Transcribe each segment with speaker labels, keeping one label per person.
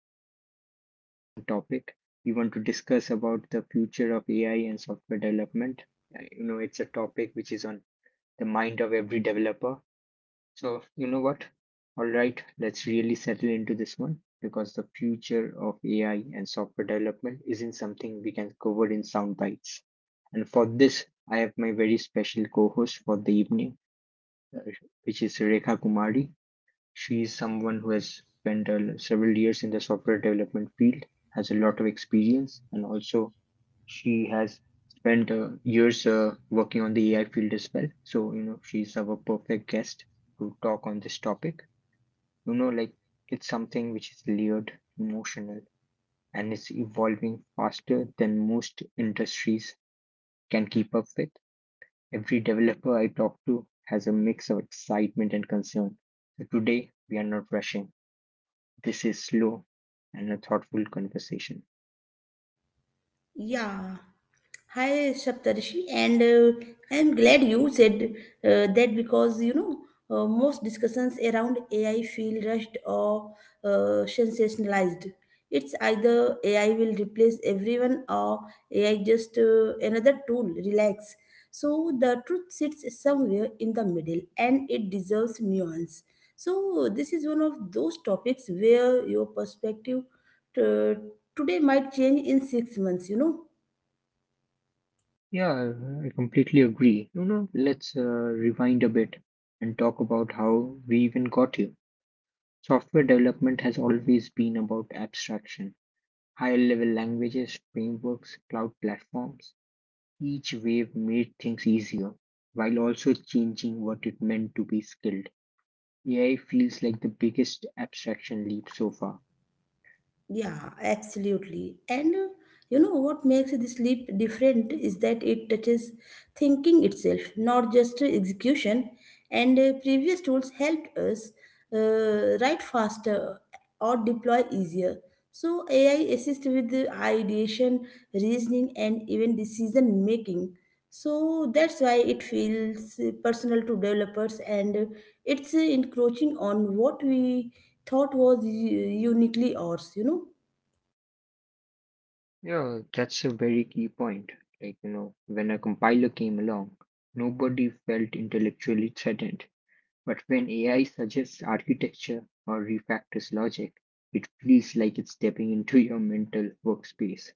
Speaker 1: have a very interesting topic. We want to discuss about the future of AI and software development. You know, it's a topic which is on the mind of every developer. So, you know what? All right, let's really settle into this one because the future of AI and software development isn't something we can cover in sound bites. And for this, I have my very special co-host for the evening, uh, which is Rekha Kumari. She is someone who has spent several years in the software development field, has a lot of experience, and also she has spent years working on the AI field as well. So, you know, she's our perfect guest to talk on this topic. You know, like it's something which is layered, emotional, and it's evolving faster than most industries can keep up with. Every developer I talk to has a mix of excitement and concern. So today we are not rushing. This is slow and a thoughtful conversation.
Speaker 2: Yeah, hi Saptarshi, and I'm glad you said that because you know most discussions around AI feel rushed or sensationalized. It's either AI will replace everyone or AI just another tool. Relax. So the truth sits somewhere in the middle, and it deserves nuance. So this is one of those topics where your perspective uh, today might change in 6 months.
Speaker 1: Yeah, I completely agree. You know, let's rewind a bit and talk about how we even got here. Software development has always been about abstraction, higher level languages, frameworks, cloud platforms. Each wave made things easier while also changing what it meant to be skilled. AI feels like the biggest abstraction leap so far.
Speaker 2: Yeah, absolutely. And You know what makes this leap different is that it touches thinking itself, not just execution. And previous tools helped us write faster or deploy easier. So AI assists with the ideation, reasoning, and even decision making. So that's why it feels personal to developers and it's encroaching on what we thought was uniquely ours.
Speaker 1: Yeah, that's a very key point. Like, you know, when a compiler came along, nobody felt intellectually threatened. But when AI suggests architecture or refactors logic, it feels like it's stepping into your mental workspace.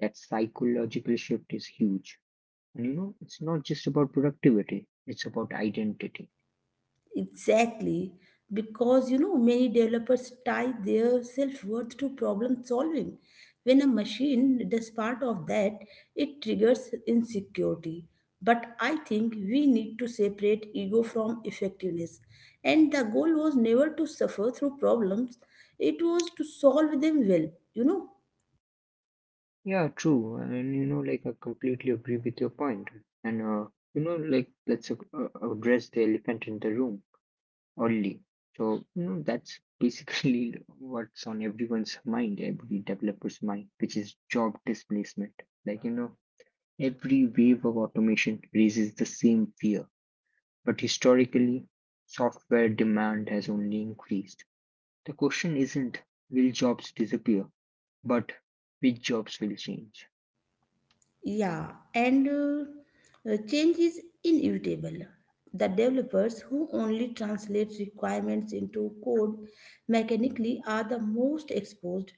Speaker 1: That psychological shift is huge. And you know, it's not just about productivity, it's about identity.
Speaker 2: Exactly, because you know many developers tie their self worth to problem solving. When a machine does part of that, it triggers insecurity. But I think we need to separate ego from effectiveness. And the goal was never to suffer through problems, it was to solve them well, you know.
Speaker 1: Yeah, true. And you know, like I completely agree with your point. And You know, like let's address the elephant in the room only. So you know, that's basically what's on everyone's mind, every developer's mind, which is job displacement. Like you know, every wave of automation raises the same fear. But historically, software demand has only increased. The question isn't will jobs disappear, but which jobs will change.
Speaker 2: Yeah, and change is inevitable. The developers who only translate requirements into code mechanically are the most exposed,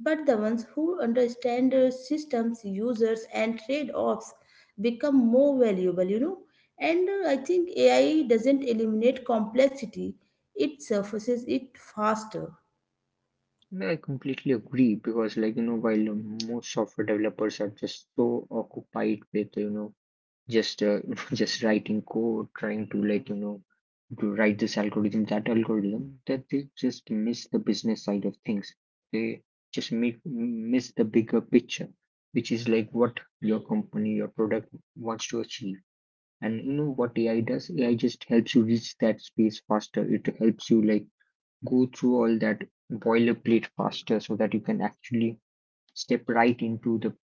Speaker 2: but the ones who understand systems, users, and trade offs become more valuable, you know. And I think AI doesn't eliminate complexity, it surfaces it faster.
Speaker 1: And I completely agree because, like you know, while most software developers are just so occupied with you know just just writing code trying to like you know to write this algorithm that they just miss the business side of things they just miss the bigger picture which is like what your company your product wants to achieve, and you know what AI does? AI just helps you reach that space faster. It helps you like go through all that boilerplate faster so that you can actually step right into the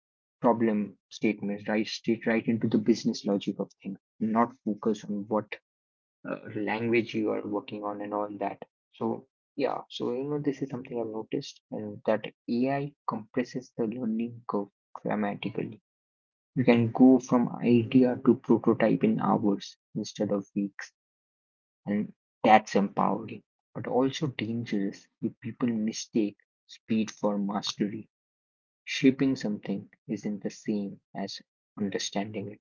Speaker 1: problem statements, right? Straight right into the business logic of things, not focus on what language you are working on and all that. So, yeah, so you know, this is something I've noticed, and that AI compresses the learning curve dramatically. You can go from idea to prototype in hours instead of weeks, and that's empowering, but also dangerous if people mistake speed for mastery. Shaping something isn't the same as understanding it.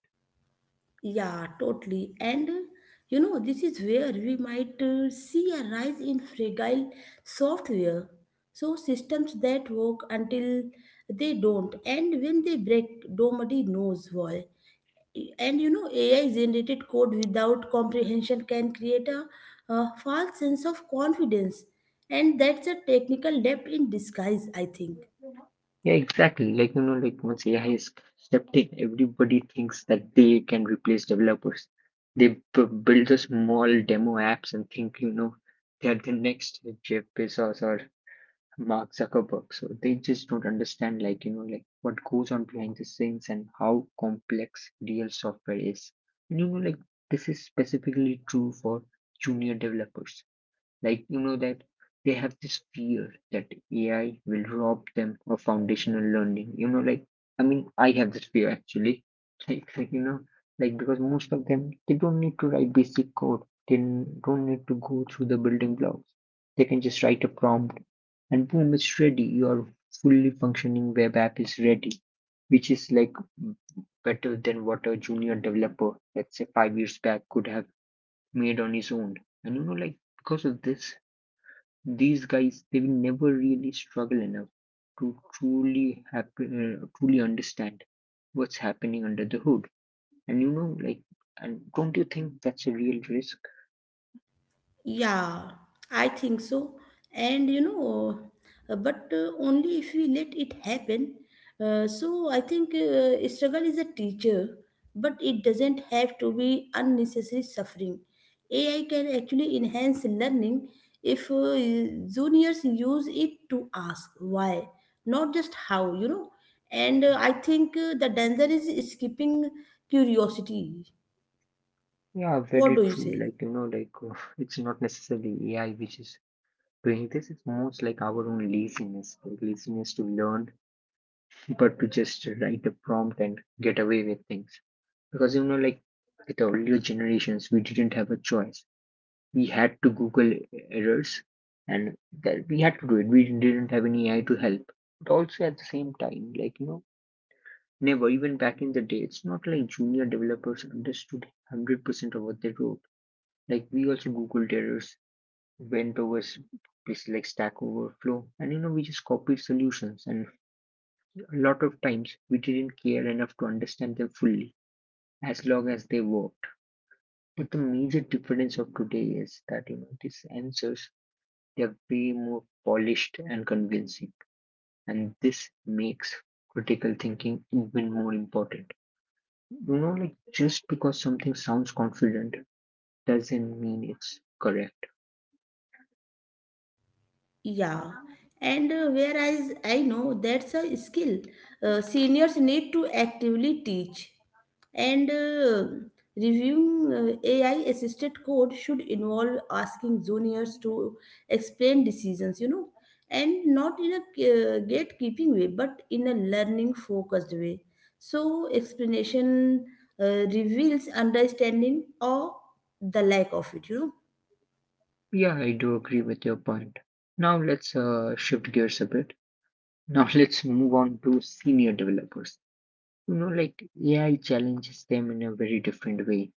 Speaker 2: Yeah, totally. And you know, this is where we might see a rise in fragile software. So, systems that work until they don't, and when they break, nobody knows why. And you know, AI generated code without comprehension can create a false sense of confidence, and that's a technical debt in disguise, I think.
Speaker 1: Yeah, exactly. Like, you know, like once AI is stepped in, everybody thinks that they can replace developers. They build the small demo apps and think, you know, they're the next Jeff Bezos or Mark Zuckerberg. So they just don't understand, like, you know, like what goes on behind the scenes and how complex real software is. And, you know, like this is specifically true for junior developers. Like, you know, that they have this fear that AI will rob them of foundational learning. You know, like, I mean, I have this fear actually. Like, you know, like because most of them, they don't need to write basic code, they don't need to go through the building blocks. They can just write a prompt and boom, it's ready. Your fully functioning web app is ready, which is like better than what a junior developer, let's say five years back, could have made on his own. And you know, like because of this, these guys they will never really struggle enough to truly understand what's happening under the hood, and you know like, and don't you think that's a real risk?
Speaker 2: Yeah, I think so. And but only if we let it happen. So I think struggle is a teacher, but it doesn't have to be unnecessary suffering. AI can actually enhance learning if juniors use it to ask why, not just how, you know. And I think the danger is skipping curiosity.
Speaker 1: Yeah,
Speaker 2: What
Speaker 1: very
Speaker 2: do you
Speaker 1: true.
Speaker 2: say?
Speaker 1: Like you know, like it's not necessarily AI which is doing this, it's most like our own laziness, like laziness to learn but to just write a prompt and get away with things. Because you know, like with the earlier generations we didn't have a choice, we had to google errors, and that we had to do it, we didn't have any AI to help. But also at the same time, like you know, never even back in the day, it's not like junior developers understood 100% of what they wrote. Like we also googled errors, went over places like Stack Overflow, and you know we just copied solutions, and a lot of times we didn't care enough to understand them fully, as long as they worked. But the major difference of today is that you know these answers, they're way more polished and convincing, and this makes critical thinking even more important. You know, like just because something sounds confident doesn't mean it's correct.
Speaker 2: Yeah, and whereas I know that's a skill seniors need to actively teach, and reviewing AI assisted code should involve asking juniors to explain decisions, you know, and not in a gatekeeping way, but in a learning focused way. So, explanation reveals understanding or the lack of it, you know.
Speaker 1: Yeah, I do agree with your point. Now let's shift gears a bit. Now let's move on to senior developers. You know, like AI challenges them in a very different way.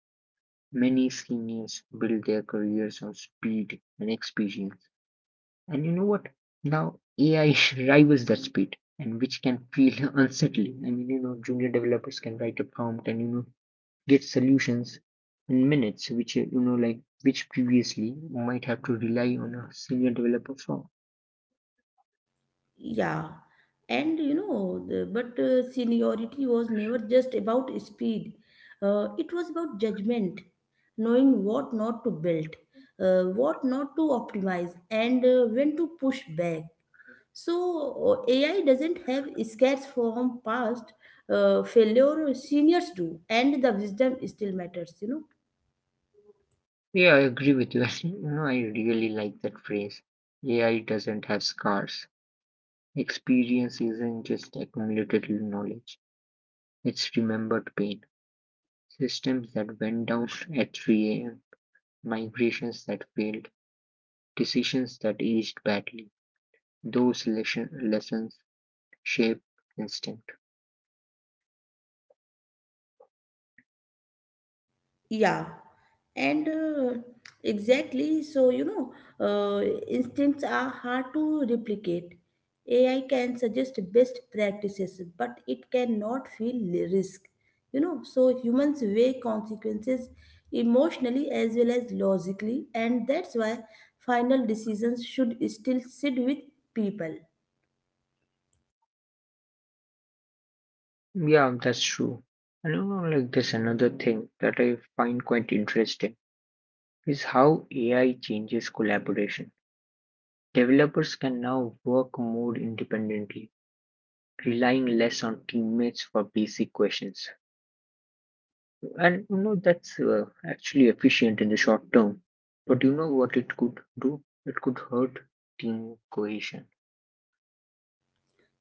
Speaker 1: Many seniors build their careers on speed and experience. And you know what? Now AI rivals that speed, and which can feel unsettling. I mean, you know, junior developers can write a prompt and you know get solutions in minutes, which you know, like which previously might have to rely on a senior developer for.
Speaker 2: Yeah, and you know, but seniority was never just about speed. It was about judgment, knowing what not to build, what not to optimize, and when to push back. So AI doesn't have scars from past failure. Seniors do, and the wisdom still matters. You know.
Speaker 1: Yeah, I agree with you. Actually, you know, I really like that phrase. AI doesn't have scars. Experience isn't just accumulated knowledge; it's remembered pain. Systems that went down at 3 a.m. Migrations that failed, decisions that aged badly. Those lessons shape instinct.
Speaker 2: Yeah, and exactly. So, you know, uh, instincts are hard to replicate. AI can suggest best practices, but it cannot feel risk. You know, so humans weigh consequences emotionally as well as logically, and that's why final decisions should still sit with people.
Speaker 1: Yeah, that's true. And you know, like there's another thing that I find quite interesting is how AI changes collaboration. Developers can now work more independently, relying less on teammates for basic questions. And you know, that's actually efficient in the short term. But you know what it could do? It could hurt team cohesion.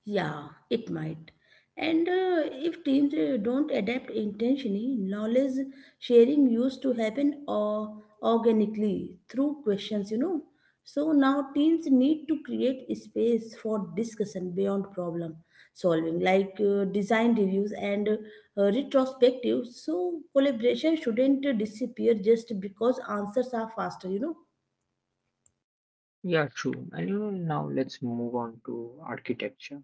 Speaker 2: Yeah, it might. And if teams don't adapt intentionally, knowledge sharing used to happen or organically through questions, you know. So now teams need to create space for discussion beyond problem solving, like design reviews and retrospectives. So collaboration shouldn't disappear just because answers are faster, you know.
Speaker 1: Yeah, true. And you know, now let's move on to architecture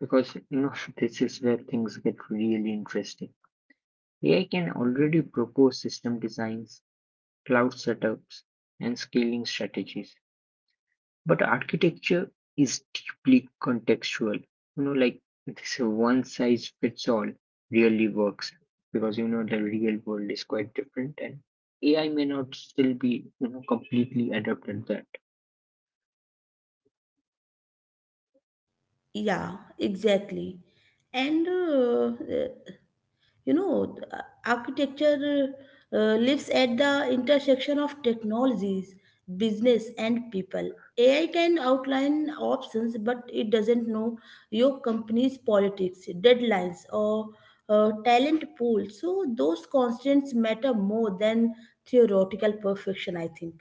Speaker 1: because you know this is where things get really interesting. AI can already propose system designs, cloud setups, and scaling strategies. But architecture is deeply contextual. You know, like this one size fits all really works, because you know the real world is quite different and AI may not still be you know completely adapted.
Speaker 2: Yeah, exactly. And You know, architecture lives at the intersection of technologies, business, and people. AI can outline options, but it doesn't know your company's politics, deadlines, or talent pool. So, those constants matter more than theoretical perfection, I think.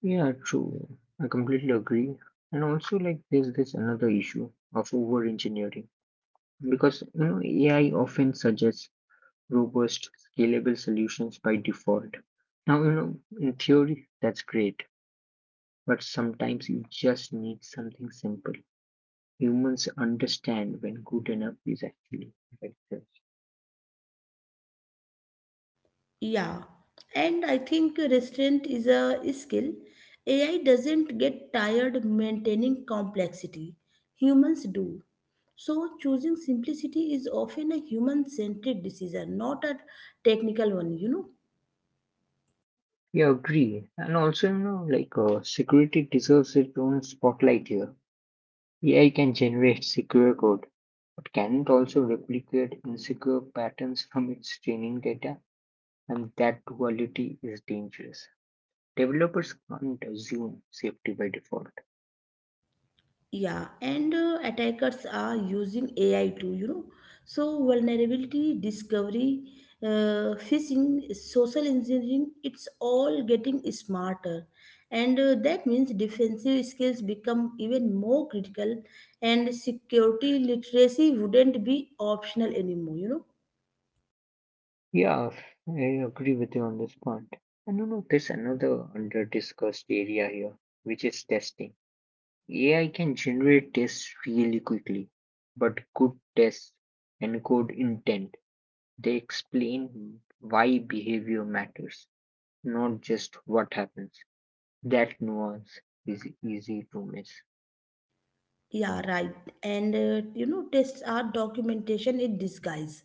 Speaker 1: Yeah, true. I completely agree. And also, like, there's this another issue of over engineering, because you know, AI often suggests robust, scalable solutions by default. Now, you know, in theory, that's great, but sometimes you just need something simple. Humans understand when good enough is actually effective.
Speaker 2: Yeah, and I think restraint is a skill. AI doesn't get tired maintaining complexity. Humans do. So, choosing simplicity is often a human centric decision, not a technical one, you know.
Speaker 1: Yeah, agree. And also, you know, like, security deserves its own spotlight here. AI can generate secure code, but can it also replicate insecure patterns from its training data? And that duality is dangerous. Developers can't assume safety by default.
Speaker 2: Yeah, and attackers are using AI too, you know. So, vulnerability discovery, phishing, social engineering, it's all getting smarter. And that means defensive skills become even more critical, and security literacy wouldn't be optional anymore, you know.
Speaker 1: Yeah, I agree with you on this point. And you know, there's another under discussed area here, which is testing. AI can generate tests really quickly, but good tests encode intent. They explain why behavior matters, not just what happens. That nuance is easy to miss.
Speaker 2: Yeah, right. And you know, tests are documentation in disguise.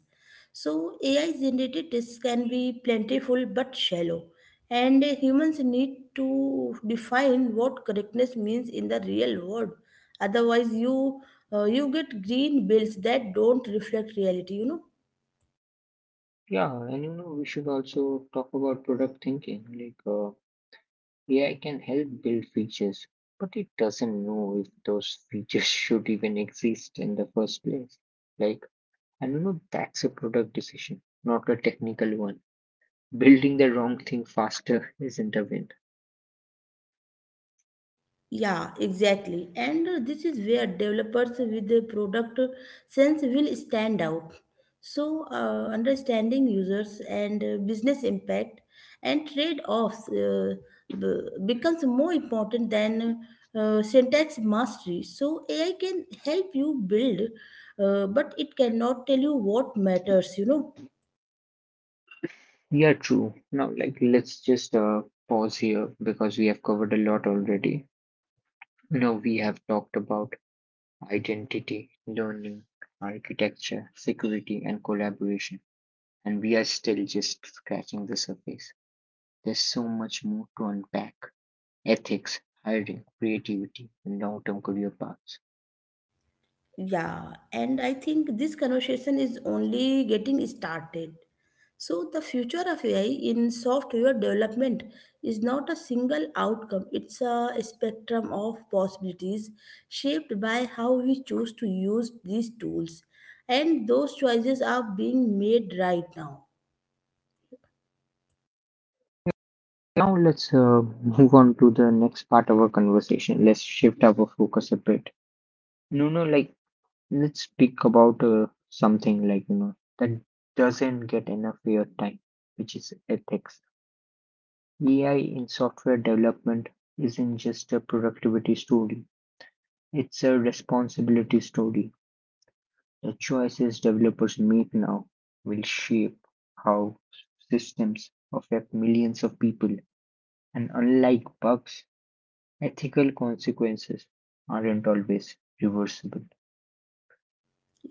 Speaker 2: So AI generated tests can be plentiful but shallow. And humans need to define what correctness means in the real world. Otherwise, you get green bills that don't reflect reality, you know.
Speaker 1: Yeah, and you know, we should also talk about product thinking. Like, AI can help build features, but it doesn't know if those features should even exist in the first place. Like, and you know, that's a product decision, not a technical one. Building the wrong thing faster isn't a win.
Speaker 2: Yeah, exactly. And this is where developers with a product sense will stand out. So, understanding users and business impact and trade offs becomes more important than syntax mastery. So, AI can help you build, but it cannot tell you what matters, you know.
Speaker 1: Yeah, true. Now, like, let's just pause here because we have covered a lot already. Now, we have talked about identity, learning, architecture, security, and collaboration. And we are still just scratching the surface. There's so much more to unpack: ethics, hiring, creativity, and long term career paths.
Speaker 2: Yeah, and I think this conversation is only getting started. So, the future of AI in software development is not a single outcome, it's a spectrum of possibilities shaped by how we choose to use these tools. And those choices are being made right now.
Speaker 1: Now, let's move on to the next part of our conversation. Let's shift our focus a bit. No, no, like, let's speak about something like, you know, that doesn't get enough airtime, which is ethics. AI in software development isn't just a productivity story, it's a responsibility story. The choices developers make now will shape how systems affect millions of people, and unlike bugs, ethical consequences aren't always reversible.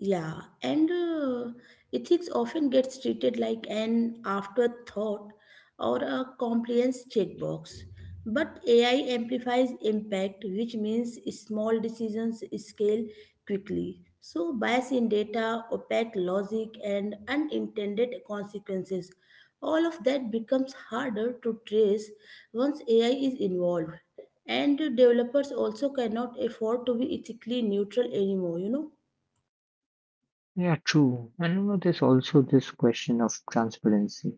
Speaker 2: Yeah, and ethics often gets treated like an afterthought or a compliance checkbox. But AI amplifies impact, which means small decisions scale quickly. So, bias in data, opaque logic, and unintended consequences. All of that becomes harder to trace once AI is involved. And developers also cannot afford to be ethically neutral anymore, you know.
Speaker 1: Yeah, true. And you know, there's also this question of transparency.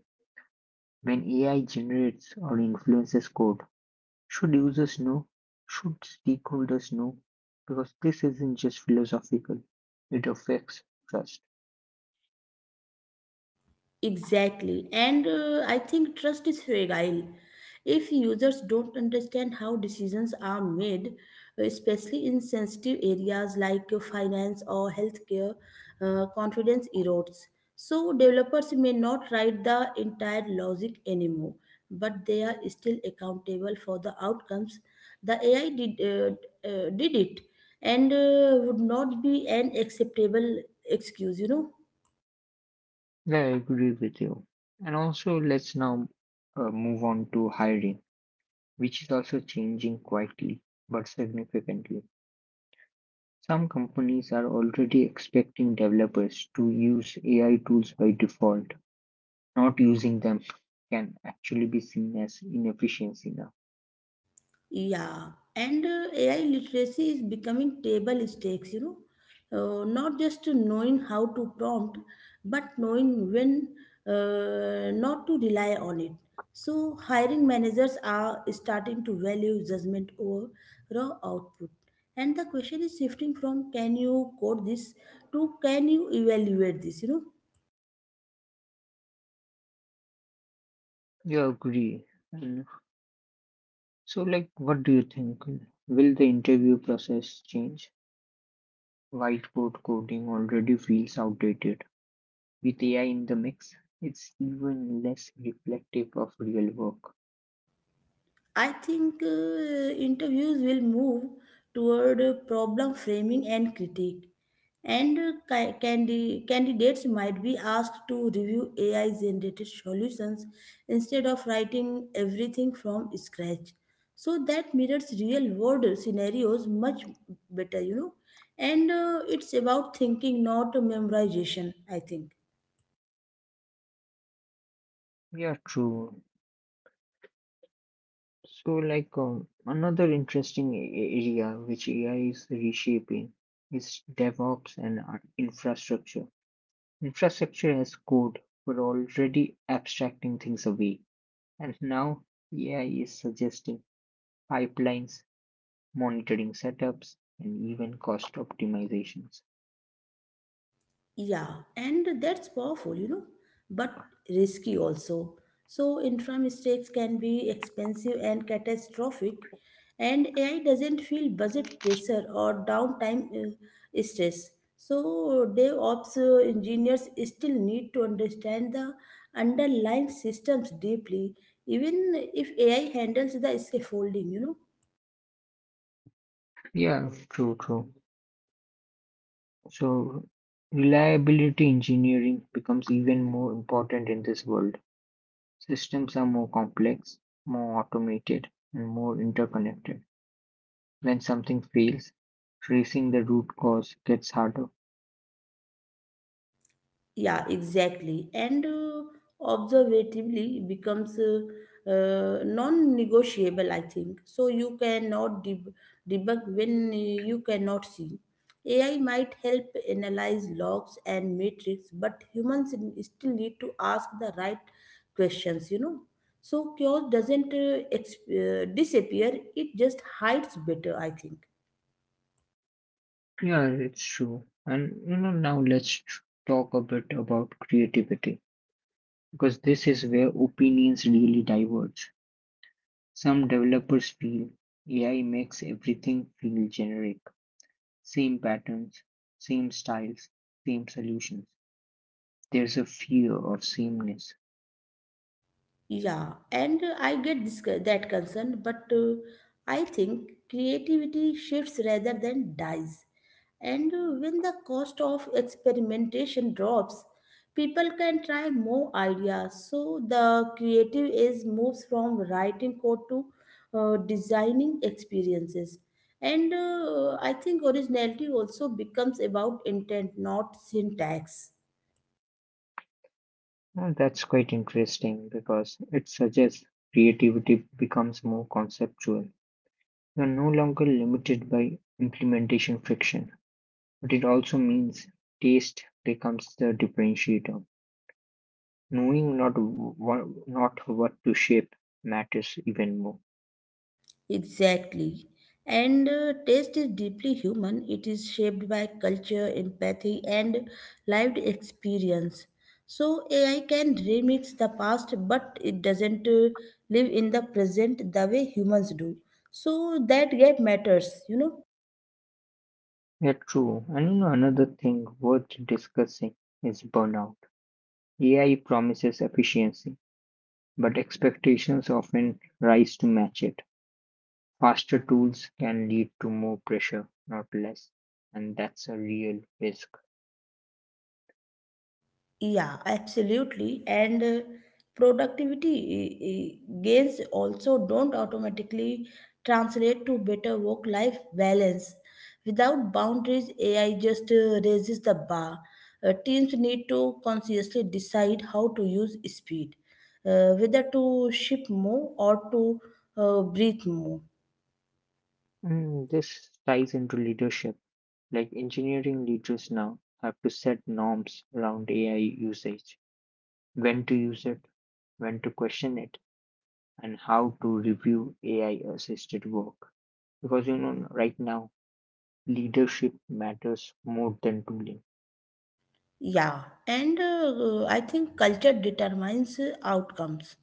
Speaker 1: When AI generates or influences code, should users know? Should stakeholders know? Because this isn't just philosophical, it affects trust.
Speaker 2: Exactly. And I think trust is fragile. If users don't understand how decisions are made, especially in sensitive areas like finance or healthcare, confidence erodes. So, developers may not write the entire logic anymore, but they are still accountable for the outcomes. The AI did it and would not be an acceptable excuse, you know.
Speaker 1: I agree with you. And also, let's now move on to hiring, which is also changing quietly but significantly. Some companies are already expecting developers to use AI tools by default. Not using them can actually be seen as inefficiency now.
Speaker 2: Yeah, and AI literacy is becoming table stakes, you know. Not just to knowing how to prompt, but knowing when not to rely on it. So, hiring managers are starting to value judgment over raw output. And the question is shifting from can you code this to can you evaluate this, you know.
Speaker 1: You agree. And So, like, what do you think? Will the interview process change? Whiteboard coding already feels outdated. With AI in the mix, it's even less reflective of real work.
Speaker 2: I think interviews will move toward problem framing and critique and candidates might be asked to review AI generated solutions instead of writing everything from scratch. So that mirrors real world scenarios much better, you know. And it's about thinking, not memorization, I think.
Speaker 1: Yeah, true. So, like, another interesting area which AI is reshaping is DevOps and infrastructure. Infrastructure as code were already abstracting things away, and now AI is suggesting pipelines monitoring setups, and even cost optimizations.
Speaker 2: Yeah, and that's powerful, you know, but risky also. So, intra mistakes can be expensive and catastrophic, and AI doesn't feel budget pressure or downtime stress. So, DevOps engineers still need to understand the underlying systems deeply, even if AI handles the scaffolding, you know.
Speaker 1: Yeah, true, true. So, reliability engineering becomes even more important in this world. Systems are more complex, more automated, and more interconnected. When something fails, tracing the root cause gets harder.
Speaker 2: Yeah, exactly. And observatively becomes non-negotiable, I think. So you cannot debug when you cannot see. AI might help analyze logs and metrics, but humans still need to ask the right questions, you know. So chaos doesn't disappear, it just hides better, I think.
Speaker 1: Yeah, it's true. And you know, now talk a bit about creativity because this is where opinions really diverge. Some developers feel AI makes everything feel generic, same patterns, same styles, same solutions. There's a fear of sameness.
Speaker 2: Yeah, and I get that concern, but I think creativity shifts rather than dies. And when the cost of experimentation drops, people can try more ideas. So the creative is moves from writing code to designing experiences. And I think originality also becomes about intent, not syntax.
Speaker 1: And that's quite interesting because it suggests creativity becomes more conceptual. You're no longer limited by implementation friction, but it also means taste becomes the differentiator. Knowing not what to shape matters even more.
Speaker 2: Exactly. And taste is deeply human. It is shaped by culture, empathy, and lived experience. So AI can remix the past, but it doesn't live in the present the way humans do. So that gap matters, you know.
Speaker 1: Yeah, true. And you know, another thing worth discussing is burnout. AI promises efficiency, but expectations often rise to match it. Faster tools can lead to more pressure, not less, and that's a real risk.
Speaker 2: Yeah, absolutely. And productivity gains also don't automatically translate to better work-life balance. Without boundaries, AI just raises the bar. Teams need to consciously decide how to use speed, whether to ship more or to breathe more.
Speaker 1: And this ties into leadership. Like engineering leaders now have to set norms around AI usage, when to use it, when to question it, and how to review AI assisted work because you know right now leadership matters more than tooling.
Speaker 2: Yeah, and I think culture determines outcomes.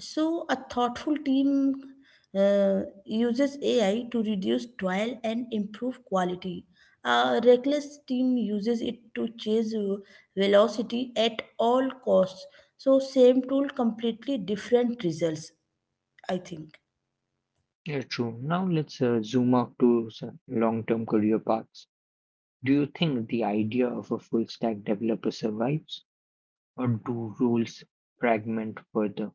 Speaker 2: So, a thoughtful team uses AI to reduce toil and improve quality. A reckless team uses it to chase velocity at all costs. So, same tool, completely different results, I think.
Speaker 1: Yeah, true. Now let's zoom out to some long-term career paths. Do you think the idea of a full-stack developer survives, or do roles fragment further?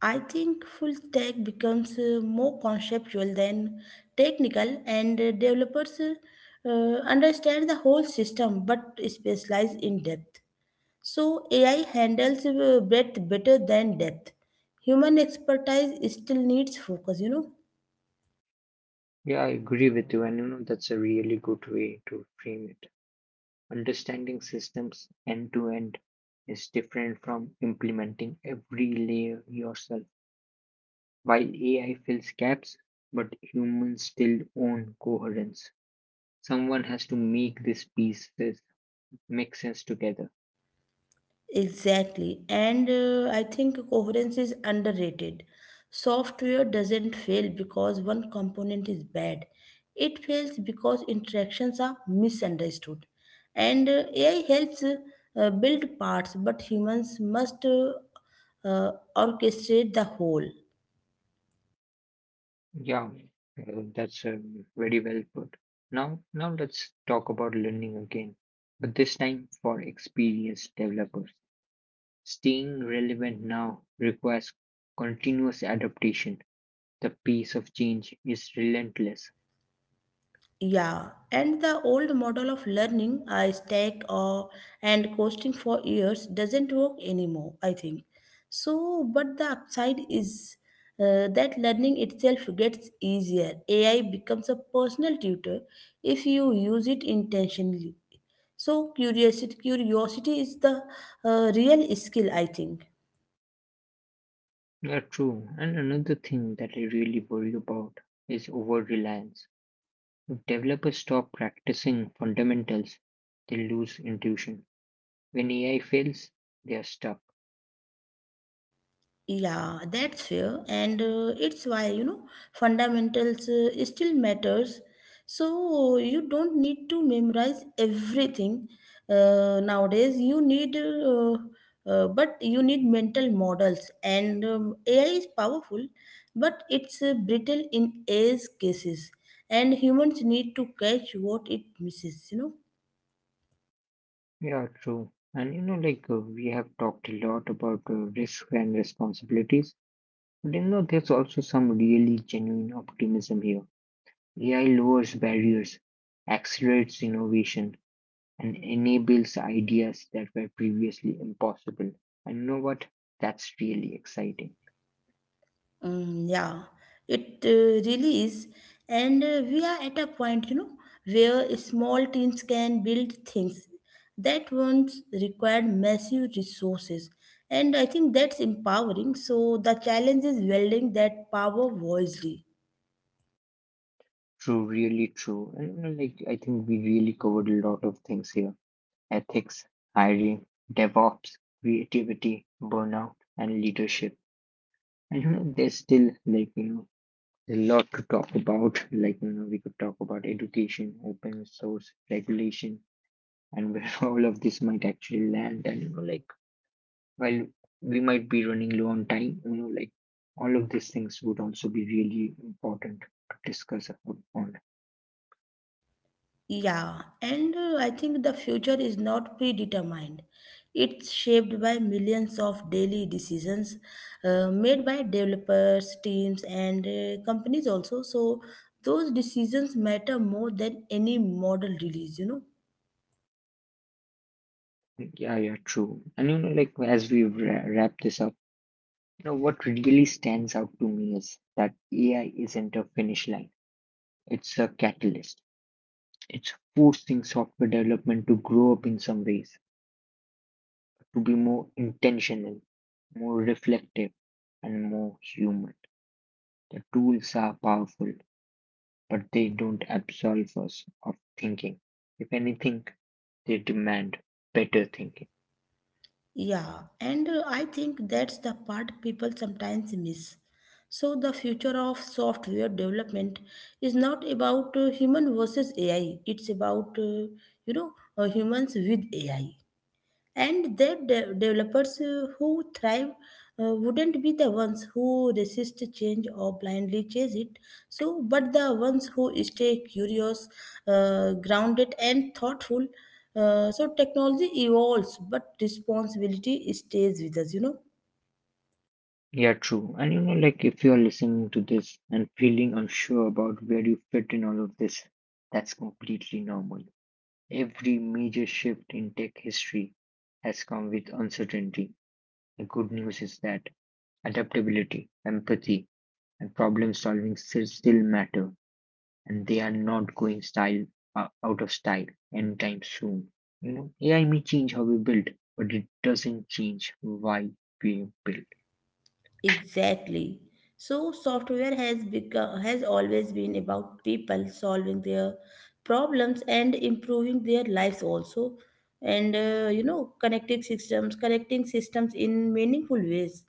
Speaker 2: I think full stack becomes more conceptual than technical, and developers understand the whole system but specialize in depth. So AI handles breadth better than depth. Human expertise still needs focus, you know.
Speaker 1: Yeah, I agree with you, and you know that's a really good way to frame it. Understanding systems end to end is different from implementing every layer yourself. While AI fills gaps, but humans still own coherence. Someone has to make these pieces make sense together.
Speaker 2: Exactly. And I think coherence is underrated. Software doesn't fail because one component is bad. It fails because interactions are misunderstood. And AI helps build parts, but humans must orchestrate the whole.
Speaker 1: Yeah, that's very well put. Now let's talk about learning again, but this time for experienced developers. Staying relevant now requires continuous adaptation. The pace of change is relentless.
Speaker 2: Yeah, and the old model of learning, I stack or and coasting for years doesn't work anymore, I think. So, but the upside is that learning itself gets easier. AI becomes a personal tutor if you use it intentionally. So, curiosity is the real skill, I think.
Speaker 1: Yeah, true. And another thing that I really worry about is over reliance. If developers stop practicing fundamentals, they lose intuition. When AI fails, they are stuck.
Speaker 2: Yeah, that's fair, and it's why you know fundamentals still matters. So you don't need to memorize everything nowadays. But you need mental models, and AI is powerful, but it's brittle in edge cases, and humans need to catch what it misses. You know.
Speaker 1: Yeah, true. And you know, like we have talked a lot about risk and responsibilities, but you know, there's also some really genuine optimism here. AI lowers barriers, accelerates innovation, and enables ideas that were previously impossible. And you know what? That's really exciting.
Speaker 2: Yeah, it really is. And we are at a point, you know, where small teams can build things that once required massive resources. And I think that's empowering. So the challenge is welding that power wisely.
Speaker 1: True, really true. And you know, like I think we really covered a lot of things here: ethics, hiring, DevOps, creativity, burnout, and leadership. And you know, there's still like you know a lot to talk about. Like you know, we could talk about education, open source, regulation, and where all of this might actually land. And you know, like while we might be running low on time, you know, like all of these things would also be really important to discuss upon.
Speaker 2: Yeah, and I think the future is not predetermined. It's shaped by millions of daily decisions made by developers, teams, and companies also. So those decisions matter more than any model release, you know.
Speaker 1: Yeah, yeah, true. And you know, like as we wrap this up, you know, what really stands out to me is that AI isn't a finish line, it's a catalyst. It's forcing software development to grow up in some ways, to be more intentional, more reflective, and more human. The tools are powerful, but they don't absolve us of thinking. If anything, they demand better thinking.
Speaker 2: Yeah, and I think that's the part people sometimes miss. So the future of software development is not about human versus AI. It's about you know humans with AI, and the developers who thrive wouldn't be the ones who resist change or blindly chase it, so but the ones who stay curious, grounded and thoughtful. So technology evolves but responsibility stays with us, you know.
Speaker 1: Yeah, true. And you know, like if you're listening to this and feeling unsure about where you fit in all of this, that's completely normal. Every major shift in tech history has come with uncertainty. The good news is that adaptability, empathy, and problem solving still matter, and they are not going style out of style anytime soon. You know, AI may change how we build, but it doesn't change why we build.
Speaker 2: Exactly. So software has always been about people solving their problems and improving their lives also, and you know connecting systems in meaningful ways.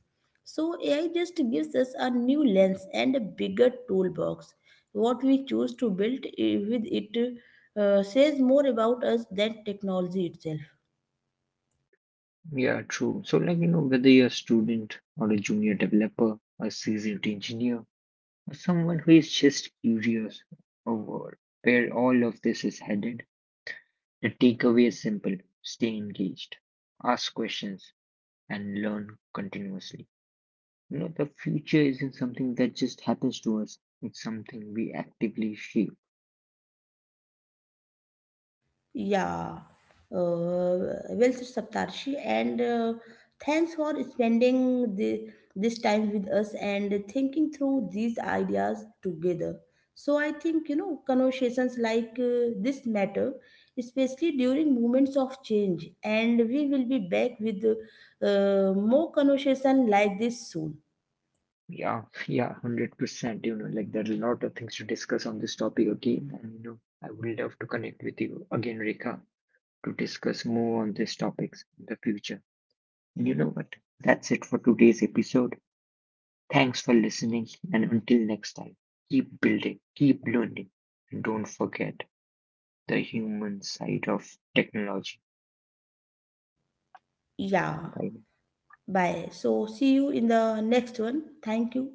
Speaker 2: So AI just gives us a new lens and a bigger toolbox. What we choose to build with it says more about us than technology itself.
Speaker 1: Yeah, true. So, like, you know, whether you're a student or a junior developer, a seasoned engineer, or someone who is just curious over where all of this is headed, the takeaway is simple: stay engaged, ask questions, and learn continuously. You know, the future isn't something that just happens to us, it's something we actively shape.
Speaker 2: Yeah, uh, well said, Saptarshi, and thanks for spending this time with us and thinking through these ideas together. So I think you know conversations like this matter, especially during moments of change, and we will be back with more conversation like this soon.
Speaker 1: Yeah, yeah, 100%. You know, like, there are a lot of things to discuss on this topic again, and, you know, I would love to connect with you again, Rekha, to discuss more on these topics in the future. And you know what? That's it for today's episode. Thanks for listening, and until next time, keep building, keep learning, and don't forget the human side of technology.
Speaker 2: Yeah.
Speaker 1: Bye.
Speaker 2: Bye. So, see you in the next one. Thank you,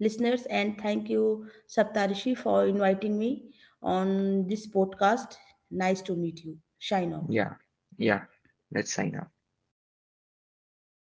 Speaker 2: listeners, and thank you, Saptarishi, for inviting me on this podcast. Nice to meet you. Shine on.
Speaker 1: Yeah, yeah, let's sign off.